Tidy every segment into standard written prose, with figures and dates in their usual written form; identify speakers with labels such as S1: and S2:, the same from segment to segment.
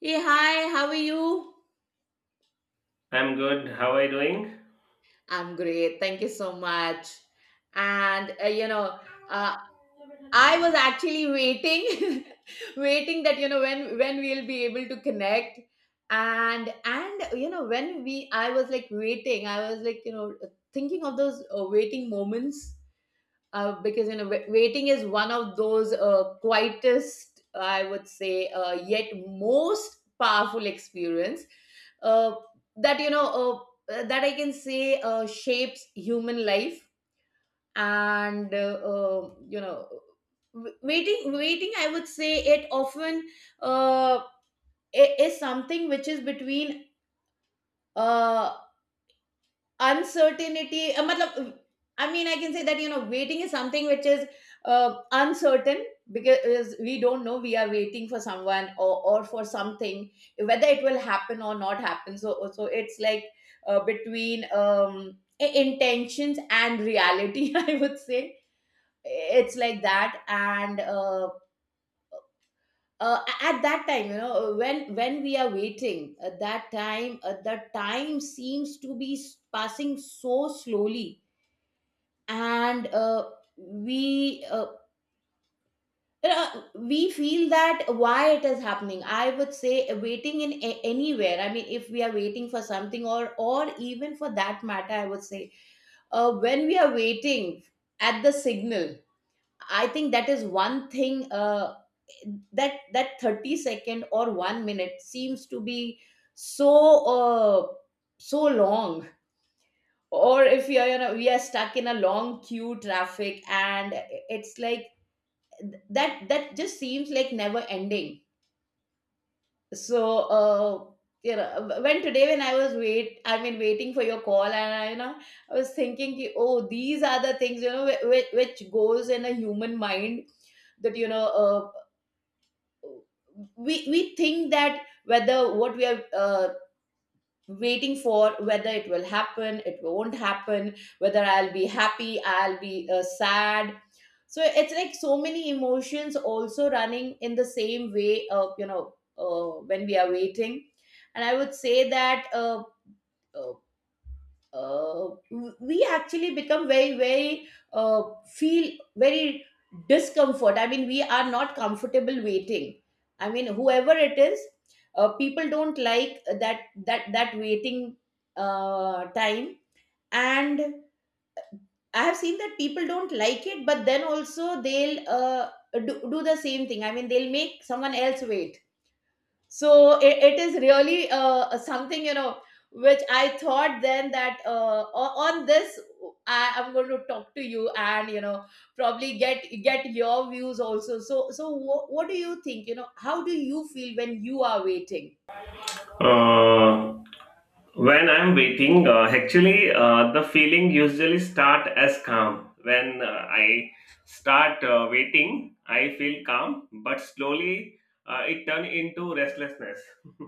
S1: Hey, hi, how are you?
S2: I'm good. How are you doing?
S1: I'm great. Thank you so much. And uh, I was actually waiting, waiting that when we'll be able to connect. And when we, I was like waiting. I was like, thinking of those waiting moments, because, waiting is one of those quietest, I would say, yet most powerful experience uh, that, that I can say, shapes human life. And waiting, I would say it often, uh, is something which is between uh, uncertainty, matlab, I mean I can say that, waiting is something which is uncertain, because we don't know we are waiting for someone, or for something, whether it will happen or not happen. So it's like, between intentions and reality, I would say. It's like that. And at that time, when we are waiting, at that time, the time seems to be passing so slowly. And we uh, we feel that why it is happening. I would say waiting anywhere, I mean if we are waiting for something, or even for that matter, I would say, when we are waiting at the signal, I think that is one thing. That 30 second or 1 minute seems to be so, uh, so long. Or if you are, we are stuck in a long queue traffic, and it's like that just seems like never ending. So, uh when today, when I was wait I mean waiting for your call, and I, I was thinking ki, oh, these are the things, which goes in a human mind, that, we think that whether what we are waiting for, whether it will happen, it won't happen, whether I'll be happy, I'll be sad. So it's like so many emotions also running in the same way of, when we are waiting. And I would say that uh, uh, we actually become very, very, uh, feel very discomfort. I mean we are not comfortable waiting, I mean whoever it is. People don't like that waiting time. And I have seen that people don't like it, but then also they'll do the same thing. I mean they'll make someone else wait. So it is really, something, which I thought then, that on this I am going to talk to you, and, probably get your views also. So what do you think, how do you feel when you are waiting?
S2: Uh, when I'm waiting, actually, the feeling usually start as calm. When I start waiting, I feel calm, but slowly it turn into restlessness,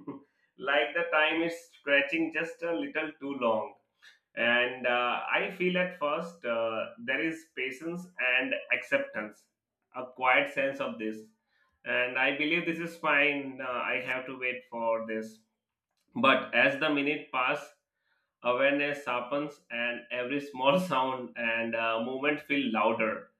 S2: like the time is stretching just a little too long. And I feel at first there is patience and acceptance, a quiet sense of this. And I believe this is fine, I have to wait for this. But as the minute pass, awareness sharpens and every small sound and movement feel louder.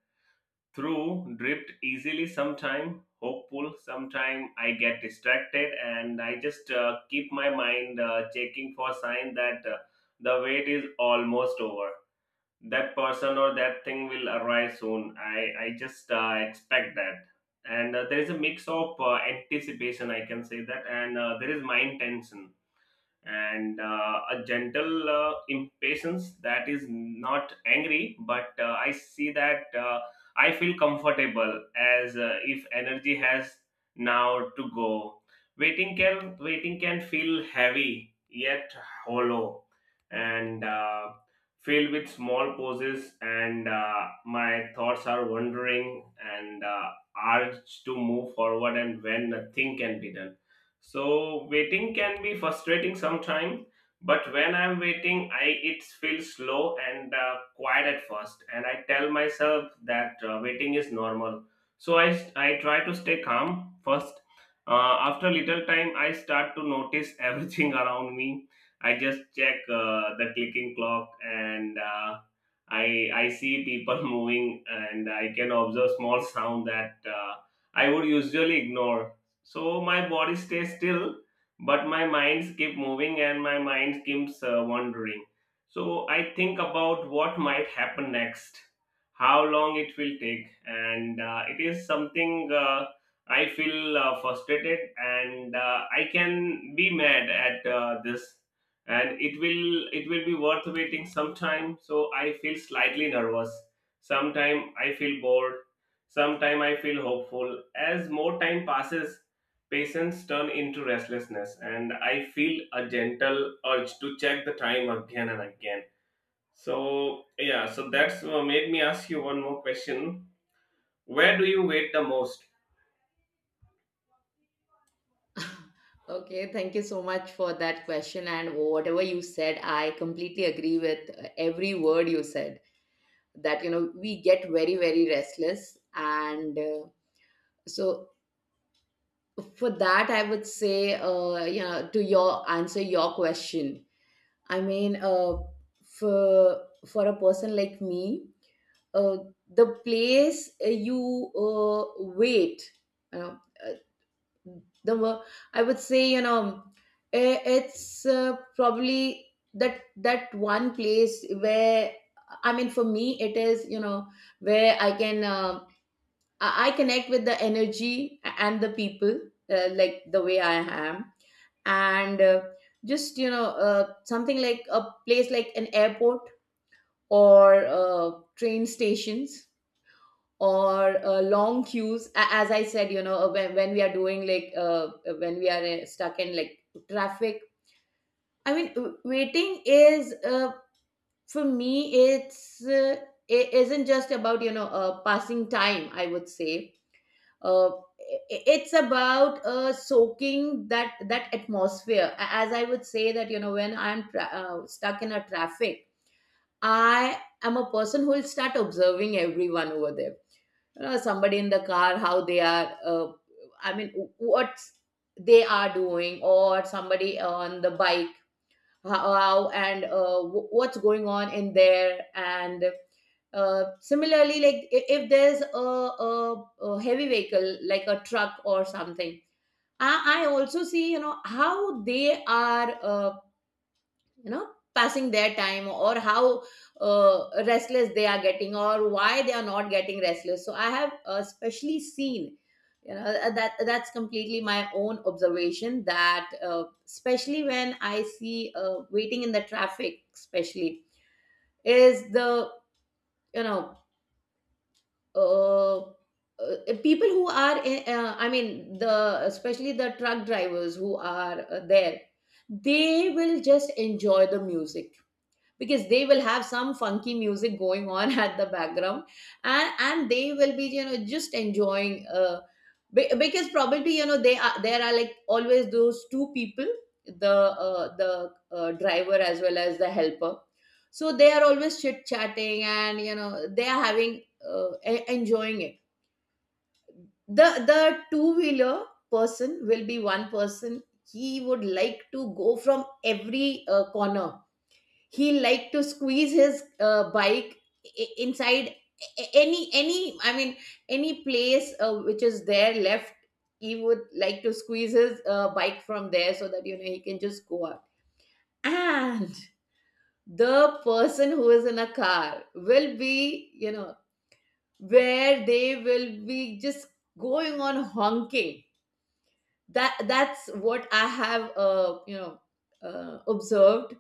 S2: Through drift easily sometime, hopeful sometime I get distracted and I just keep my mind checking for sign that the wait is almost over, that person or that thing will arise soon. I just expect that. And there is a mix of anticipation, I can say that, and there is mind tension and a gentle impatience that is not angry but I see that I feel comfortable as if energy has now to go. Waiting can feel heavy yet hollow and filled with small pauses and my thoughts are wandering and urge to move forward and when nothing can be done. So waiting can be frustrating sometimes, but when I'm waiting, I it feels slow and quiet at first, and I tell myself that waiting is normal. So I try to stay calm first. After little time, I start to notice everything around me. I just check the clicking clock and. I see people moving and I can observe small sound that I would usually ignore. So my body stays still but my mind keep moving and my mind keeps wandering. So I think about what might happen next, how long it will take and it is something I feel frustrated and I can be mad at this, and it will be worth waiting sometime. So I feel slightly nervous, sometime I feel bored, sometime I feel hopeful as more time passes. Patience turn into restlessness, and I feel a gentle urge to check the time again and again. So, yeah, so that's made me ask you one more question. Where do you wait the most?
S1: Okay, thank you so much for that question. And whatever you said, I completely agree with every word you said. That, we get very, very restless. And, so for that, I would say, to your answer your question. I mean, for a person like me, uh the place you wait, you know, uh, the wo- I would say, it's, probably that one place where, I mean for me it is, where I can, I connect with the energy and the people, like the way I am. And, just, something like a place like an airport, or train stations, or long queues. As I said, when we are doing, like, when we are stuck in, like, traffic. I mean, waiting is, for me it's, it isn't just about, passing time, I would say. uh, it's about soaking that atmosphere. As I would say that, when I'm stuck in a traffic, I am a person who will start observing everyone over there. Somebody in the car, how they are, I mean what they are doing, or somebody on the bike, how and what's going on in there. And similarly, like, if there's a heavy vehicle like a truck or something, I also see, how they are, passing their time, or how restless they are getting, or why they are not getting restless. So I have especially seen, that that's completely my own observation, that especially when I see waiting in the traffic, especially is the, you know uh, uh, people who are I mean the, especially the truck drivers who are there, they will just enjoy the music, because they will have some funky music going on at the background. And they will be, just enjoying, because probably, they are there are, like, always those two people. The, uh, the driver as well as the helper, so they are always chit chatting, and, they are having, enjoying it. The two wheeler person will be one person. He would like to go from every corner. He liked to squeeze his bike inside any, I mean any place which is there left. He would like to squeeze his bike from there, so that, he can just go out. And the person who is in a car will be, where they will be just going on honking. That's what I have, observed.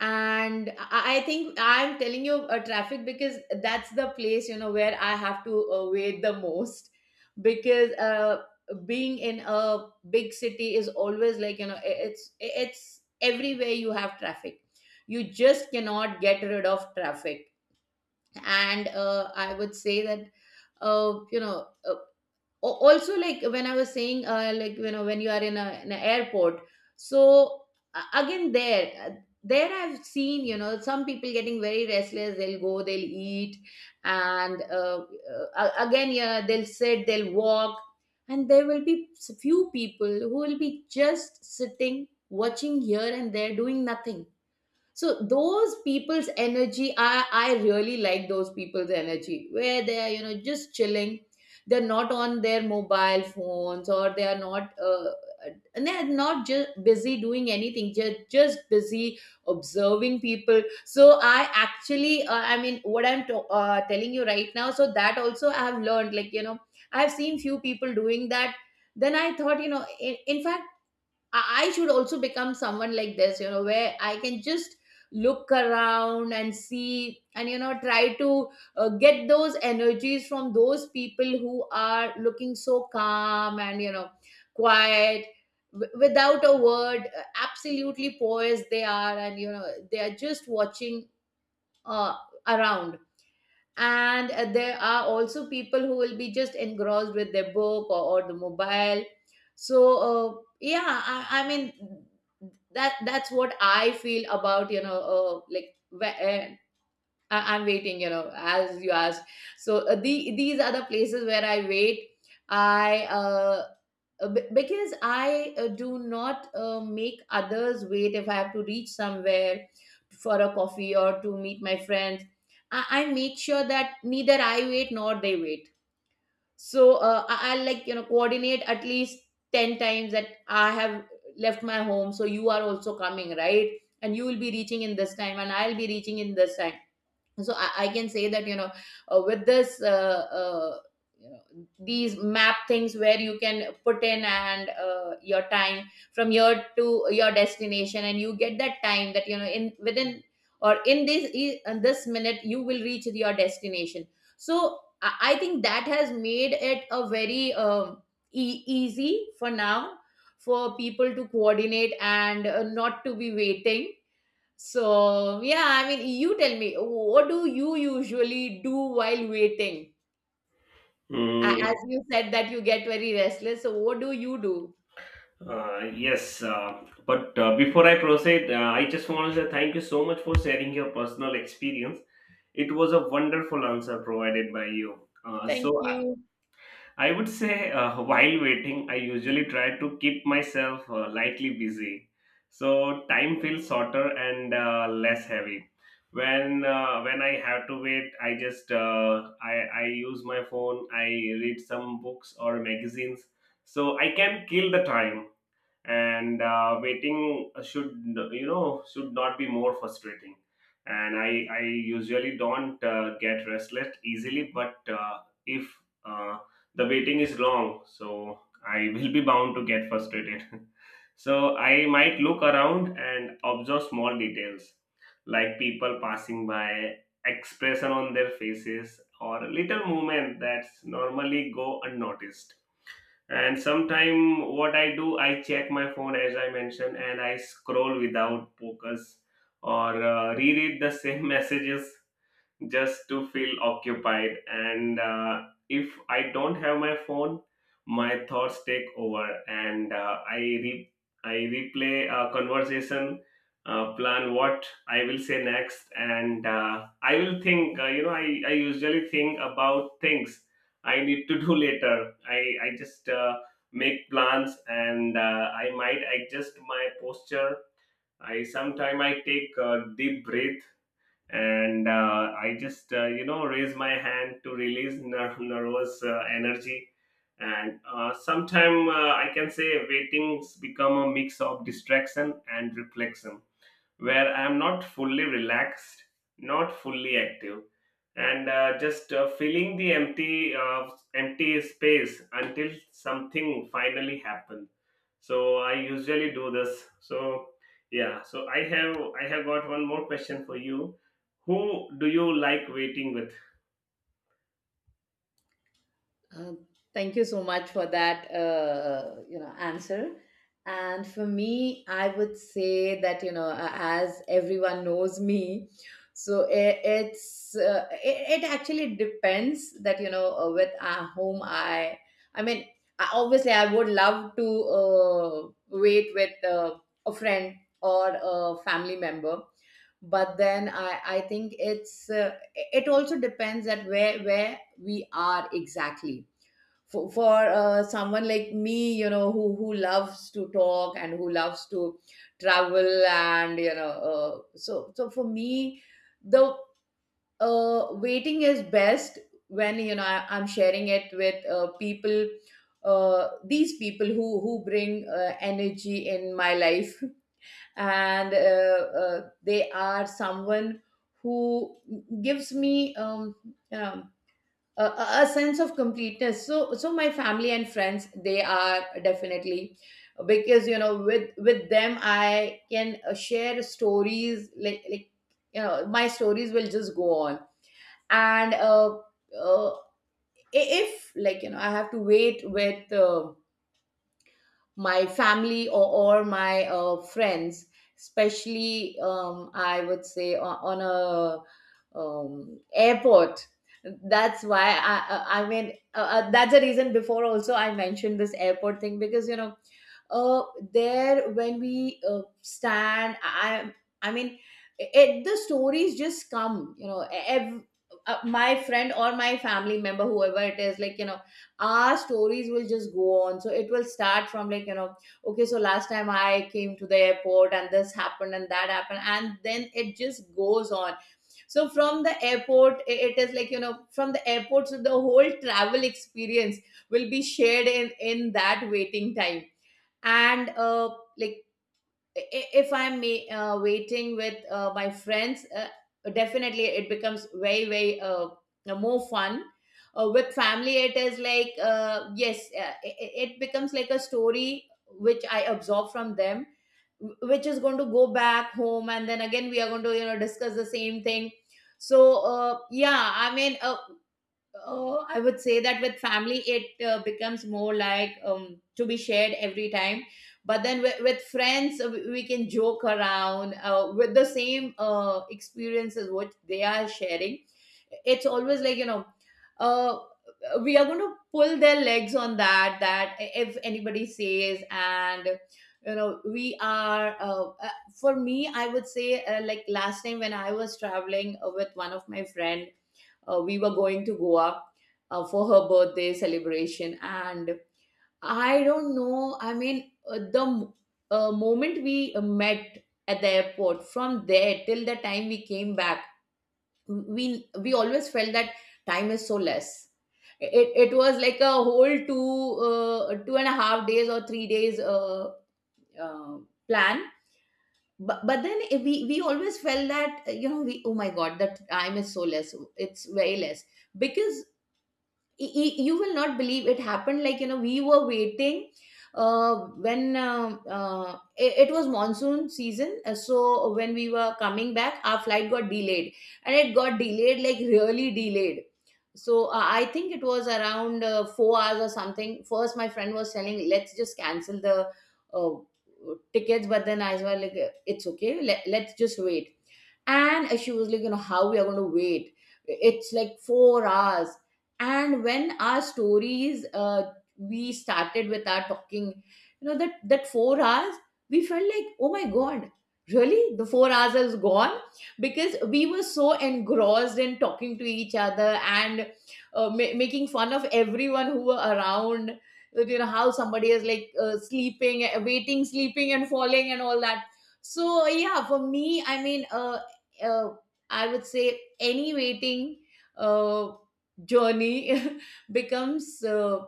S1: And I think I'm telling you, traffic, because that's the place, where I have to wait the most, because, being in a big city is always, like, it's everywhere you have traffic. You just cannot get rid of traffic. And I would say that, uh, you know uh, also, like when I was saying, like, when you are in a an airport. So again there I've seen, some people getting very restless. They'll go, they'll eat, and again, yeah, they'll sit, they'll walk. And there will be few people who will be just sitting, watching here and there, doing nothing. So those people's energy, I really like those people's energy, where they are, just chilling. They're not on their mobile phones, or they are not, and they're not just busy doing anything, just busy observing people. So I actually, I mean what I'm telling you right now, so that also I have learned, like, I've seen few people doing that. Then I thought, in fact, I should also become someone like this, where I can just look around and see, and, try to get those energies from those people who are looking so calm, and, quiet, without a word. Absolutely poised they are, and, they are just watching, uh, around. And there are also people who will be just engrossed with their book, or the mobile. So, yeah, I mean, that's what I feel about, like, wh- uh, I'm waiting, as you asked. So, these are the places where I wait. I Because I do not make others wait if I have to reach somewhere for a coffee or to meet my friends. I make sure that neither I wait nor they wait. So, I'll, like, coordinate at least 10 times that I have left my home, so you are also coming, right? And you will be reaching in this time, and I'll be reaching in this time. So I can say that, with this, uh, you know, these map things where you can put in and, your time from here to your destination, and you get that time that, in, within, or in this in this minute, you will reach your destination. So I think that has made it a very, easy for now for people to coordinate, and not to be waiting. So, yeah, I mean, you tell me, what do you usually do while waiting? As
S2: Hmm.
S1: you said that you get very restless, so what do you do?
S2: Yes, but before I proceed, I just want to say thank you so much for sharing your personal experience. It was a wonderful answer provided by you.
S1: Thank
S2: So
S1: you.
S2: I would say while waiting, I usually try to keep myself lightly busy, so time feels shorter and less heavy. When I have to wait, I just I use my phone. I read some books or magazines, so I can kill the time and waiting should you know should not be more frustrating. And i usually don't get restless easily, but if uh, the waiting is long, so I will be bound to get frustrated. So I might look around and observe small details like people passing by, expression on their faces or little movement that's normally go unnoticed. And sometime what I do, I check my phone as I mentioned and I scroll without focus or reread the same messages just to feel occupied, and if I don't have my phone, my thoughts take over and I replay a conversation, plan what I will say next and I will think I usually think about things I need to do later. I just make plans, and I might adjust my posture. I sometime I take a deep breath, and I just raise my hand to release nervous energy. And sometime I can say waitings become a mix of distraction and reflection where I'm not fully relaxed, not fully active, and just filling the empty space until something finally happens. So I usually do this. So yeah. So I have got one more question for you. Who do you like waiting with?
S1: Uh, Thank you so much for that answer, and for me, I would say that, you know, as everyone knows me, so it actually depends that, with whom I mean, obviously I would love to wait with a friend or a family member, but then I think it also depends at where we are exactly. For someone like me, you know, who loves to talk and who loves to travel, and so for me, the waiting is best when, you know, I'm sharing it with people, these people who bring energy in my life, and they are someone who gives me um, um a, a a sense of completeness. So my family and friends, they are definitely, because, you know, with them I can share stories, like, you know, my stories will just go on. And uh if, like, you know, I have to wait with my family, or my friends, especially, I would say, on a airport. That's why I mean That's the reason before also I mentioned this airport thing, because, you know, uh, there, when we stand, I mean, the stories just come, you know. My friend or my family member, whoever it is, like, you know, our stories will just go on. So it will start from, like, you know, okay, so last time I came to the airport, and this happened and that happened, and then it just goes on. So from the airport, it is like, you know, from the airport, so the whole travel experience will be shared in that waiting time. And like, i- if I'm waiting with my friends, definitely it becomes very very more fun. With family, it is like, yes, it becomes like a story which I absorb from them, which is going to go back home, and then again we are going to, you know, discuss the same thing. So, yeah, oh, I would say that with family, it becomes more like, to be shared every time. But then with friends, we can joke around with the same experiences what they are sharing. It's always like, you know, uh, we are going to pull their legs on that, if anybody says, and, you know, for me, I would say, like last time when I was traveling with one of my friend, we were going to Goa for her birthday celebration, and I don't know. I mean, moment we met at the airport, from there till the time we came back, we always felt that time is so less. It was like a whole 2.5 days or 3 days uh, plan, but then, we always felt that, you know, we, oh my god, that time is so less. It's very less. Because you will not believe it happened. Like, you know, we were waiting, uh, when it was monsoon season, so when we were coming back, our flight got delayed, and it got delayed, like, really delayed. So I think it was around 4 hours or something. First, my friend was telling, let's just cancel the uh, tickets, but then I was like, it's okay, let's just wait. And she was like, you know, how we are going to wait? It's like 4 hours. And when our stories, we started with our talking, you know, that 4 hours, we felt like, oh my god, really the 4 hours is gone, because we were so engrossed in talking to each other, and making fun of everyone who were around. That, you know, how somebody is like, sleeping, waiting, sleeping and falling, and all that. So yeah, for me, uh, I would say any waiting uh, journey becomes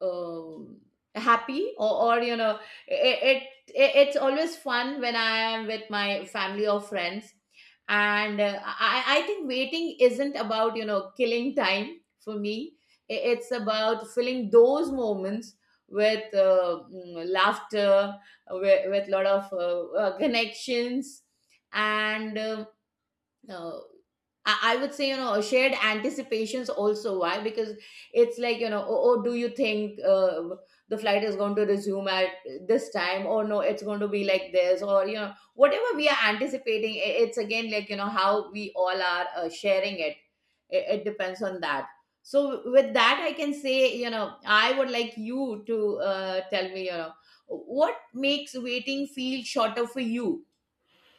S1: um happy, or, you know, it's always fun when I am with my family or friends. And I think waiting isn't about, you know, killing time for me. It's about filling those moments with laughter, with lot of connections, and, no, I would say, you know, shared anticipations also. Why? Because it's like, you know, oh, do you think the flight is going to resume at this time? Or no, it's going to be like this. Or, you know, whatever we are anticipating, it's again like, you know, how we all are sharing it. It depends on that. So with that, I can say, you know, I would like you to tell me, you know, what makes waiting feel shorter for you,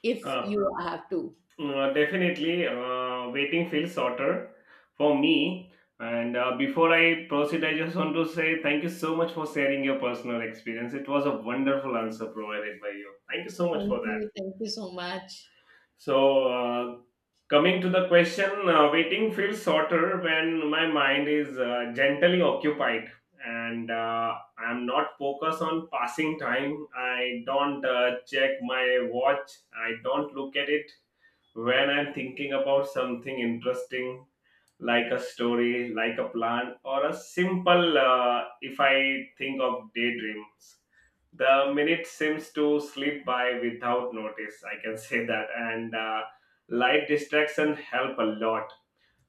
S1: if
S2: Uh,
S1: you have to?
S2: Definitely, waiting feels shorter for me. And before I proceed, I just want to say thank you so much for sharing your personal experience. It was a wonderful answer provided by you. Thank you so much
S1: Thank
S2: for that.
S1: you. Thank you so much.
S2: So, coming to the question, waiting feels shorter when my mind is gently occupied and I'm not focused on passing time. I don't check my watch, I don't look at it when I'm thinking about something interesting, like a story, like a plan, or a simple, if I think of daydreams, the minute seems to slip by without notice. I can say that, and light distraction help a lot.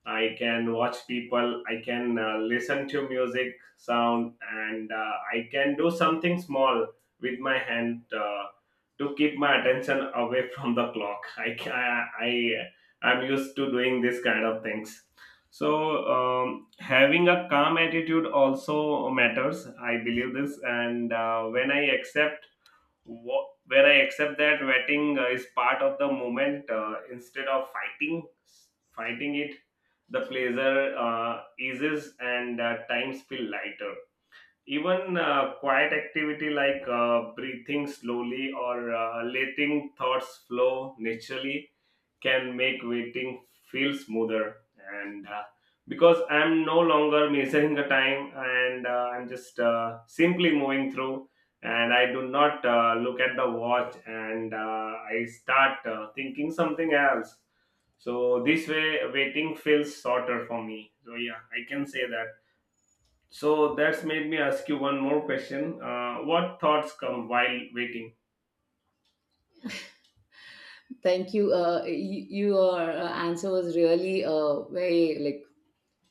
S2: I can watch people, I can listen to music, sound, and I can do something small with my hand to keep my attention away from the clock. I can, I I am used to doing this kind of things. So having a calm attitude also matters. I believe this, and when I accept Wha where I accept that vetting is part of the moment instead of fighting it. The pleasure eases and times feel lighter. Even quiet activity like breathing slowly or letting thoughts flow naturally can make waiting feel smoother, and because I'm no longer measuring the time and I'm just simply moving through. And I do not look at the watch, and I start thinking something else. So this way waiting feels shorter for me, so yeah I can say that. So that's made me ask you one more question. What thoughts come while waiting?
S1: Thank you. Your answer was really very, like,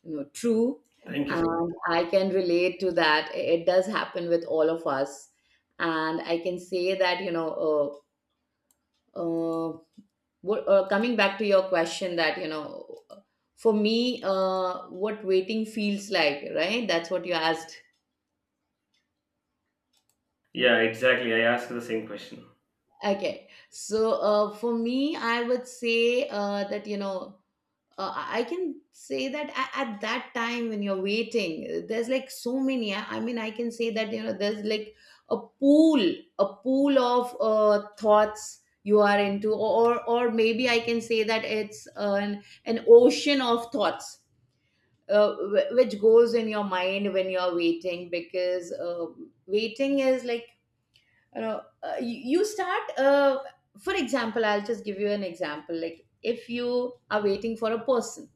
S1: you know, true,
S2: Thank you so much.
S1: and I can relate to that. It does happen with all of us, and I can say that, you know. Uh, Coming back to your question, that, you know, for me, what waiting feels like, right? That's what you asked.
S2: Yeah, exactly, I asked the same question.
S1: Okay, so for me, I would say that, you know. I can say that at that time when you're waiting, there's like so many. I mean, I can say that, you know, there's like a pool, a pool of thoughts you are into, or maybe I can say that it's an ocean of thoughts. Which goes in your mind when you're waiting, because waiting is like, you know, you start, for example, I'll just give you an example, like if you are waiting for a person,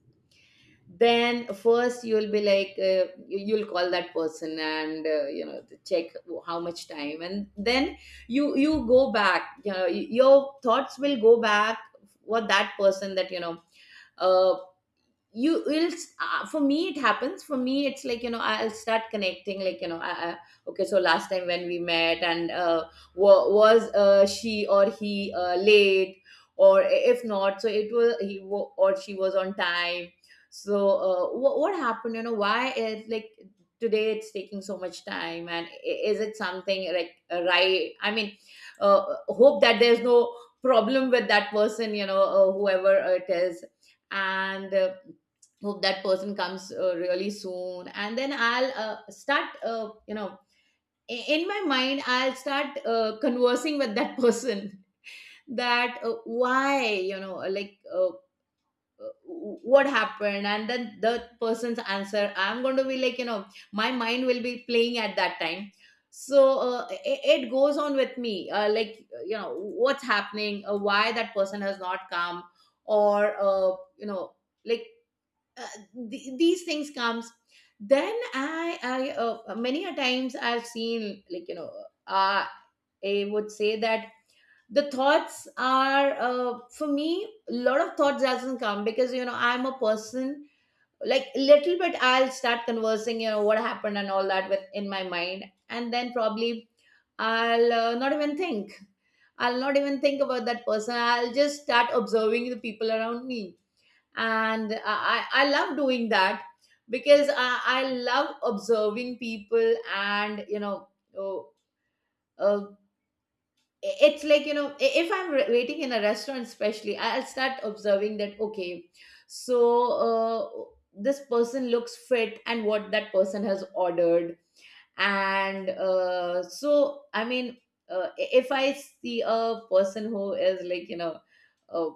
S1: then first you'll be like, you'll call that person and, you know, to check how much time, and then you go back, you know, your thoughts will go back for that person, that, you know, uh, you will, for me it happens, for me it's like, you know, I'll start connecting, like, you know, okay, so last time when we met, and was she or he late, or if not, so it was or she was on time. So what happened, you know, why is, like, today it's taking so much time, and is it something like, right, I mean, hope that there's no problem with that person, you know, whoever it is. And hope that person comes really soon, and then I'll start, you know, in my mind I'll start conversing with that person. That why, you know, like, uh, what happened, and then the person's answer, I'm going to be like, you know, my mind will be playing at that time. So it goes on with me, like, you know, what's happening, why that person has not come, or, you know, like, uh, these things comes. Then I many a times I've seen, like, you know, uh, I would say that the thoughts are, for me, a lot of thoughts doesn't come, because, you know, I'm a person, like, little bit I'll start conversing, you know, what happened and all that with in my mind, and then probably I'll not even think, I'll not even think about that person, I'll just start observing the people around me. And I love doing that, because I love observing people, and, you know, oh, uh, it's like, you know, if I'm waiting in a restaurant especially, I'll start observing that, okay, so this person looks fit, and what that person has ordered. And so I mean, if I see a person who is like, you know, uh,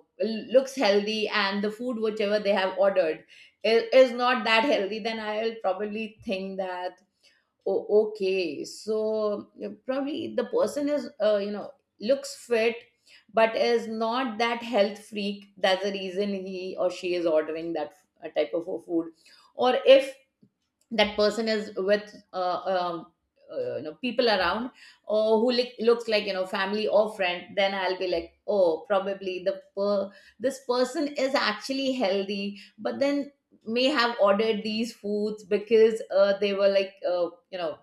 S1: looks healthy, and the food whichever they have ordered is not that healthy, then I'll probably think that, oh okay, so you probably, the person is, you know, looks fit, but is not that health freak, that's the reason he or she is ordering that type of a food. Or if that person is with, you know, people around, or who looks like, you know, family or friend, then I'll be like, oh, probably this person is actually healthy, but then may have ordered these foods because they were like, you know,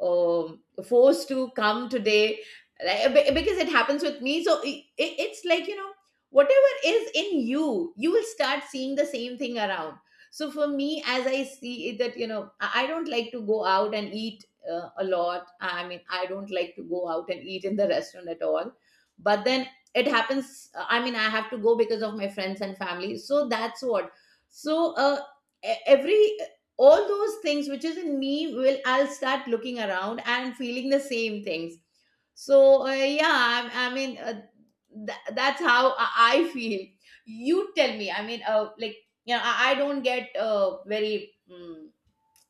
S1: um, forced to come today. Like, because it happens with me, so I, it's like, you know, whatever is in you will start seeing the same thing around. So for me, as I see it, that, you know, I don't like to go out and eat a lot. I mean, I don't like to go out and eat in the restaurant at all, but then it happens, I mean, I have to go because of my friends and family, so that's what. So e- every all those things which is in me will, I'll start looking around and feeling the same things. So yeah, I mean, that's how I feel. You tell me, I mean, like, you know, I don't get very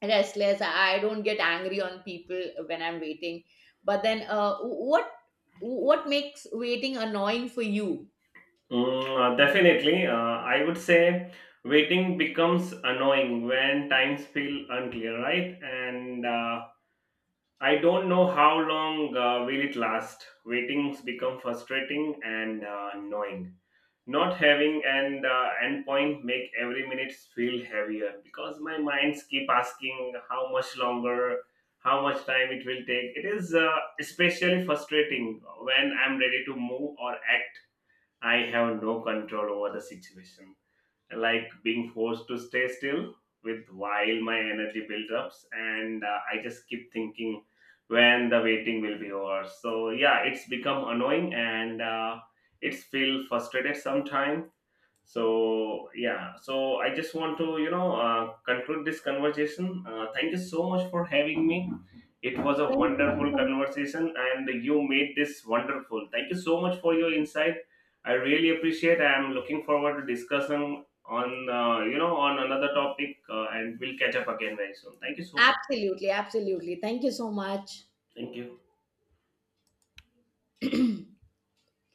S1: restless. I don't get angry on people when I'm waiting. But then, what makes waiting annoying for you?
S2: Mm, definitely. I would say waiting becomes annoying when times feel unclear, right? And I don't know how long will it last. Waitings become frustrating and annoying. Not having an endpoint make every minute feel heavier because my minds keep asking how much longer, how much time it will take. It is especially frustrating when I'm ready to move or act. I have no control over the situation, like being forced to stay still with while my energy builds ups, and I just keep thinking when the waiting will be over. So yeah, it's become annoying and it's feel frustrated sometimes. So yeah, so I just want to you know conclude this conversation. Thank you so much for having me. It was a
S1: Thank you.
S2: wonderful
S1: Thank you.
S2: conversation, and you made this wonderful. Thank you so much for your insight. I really appreciate. I am looking forward to discussing on on another topic, and we'll catch up again very soon. Thank you so much.
S1: Absolutely, absolutely, thank you so much.
S2: Thank you.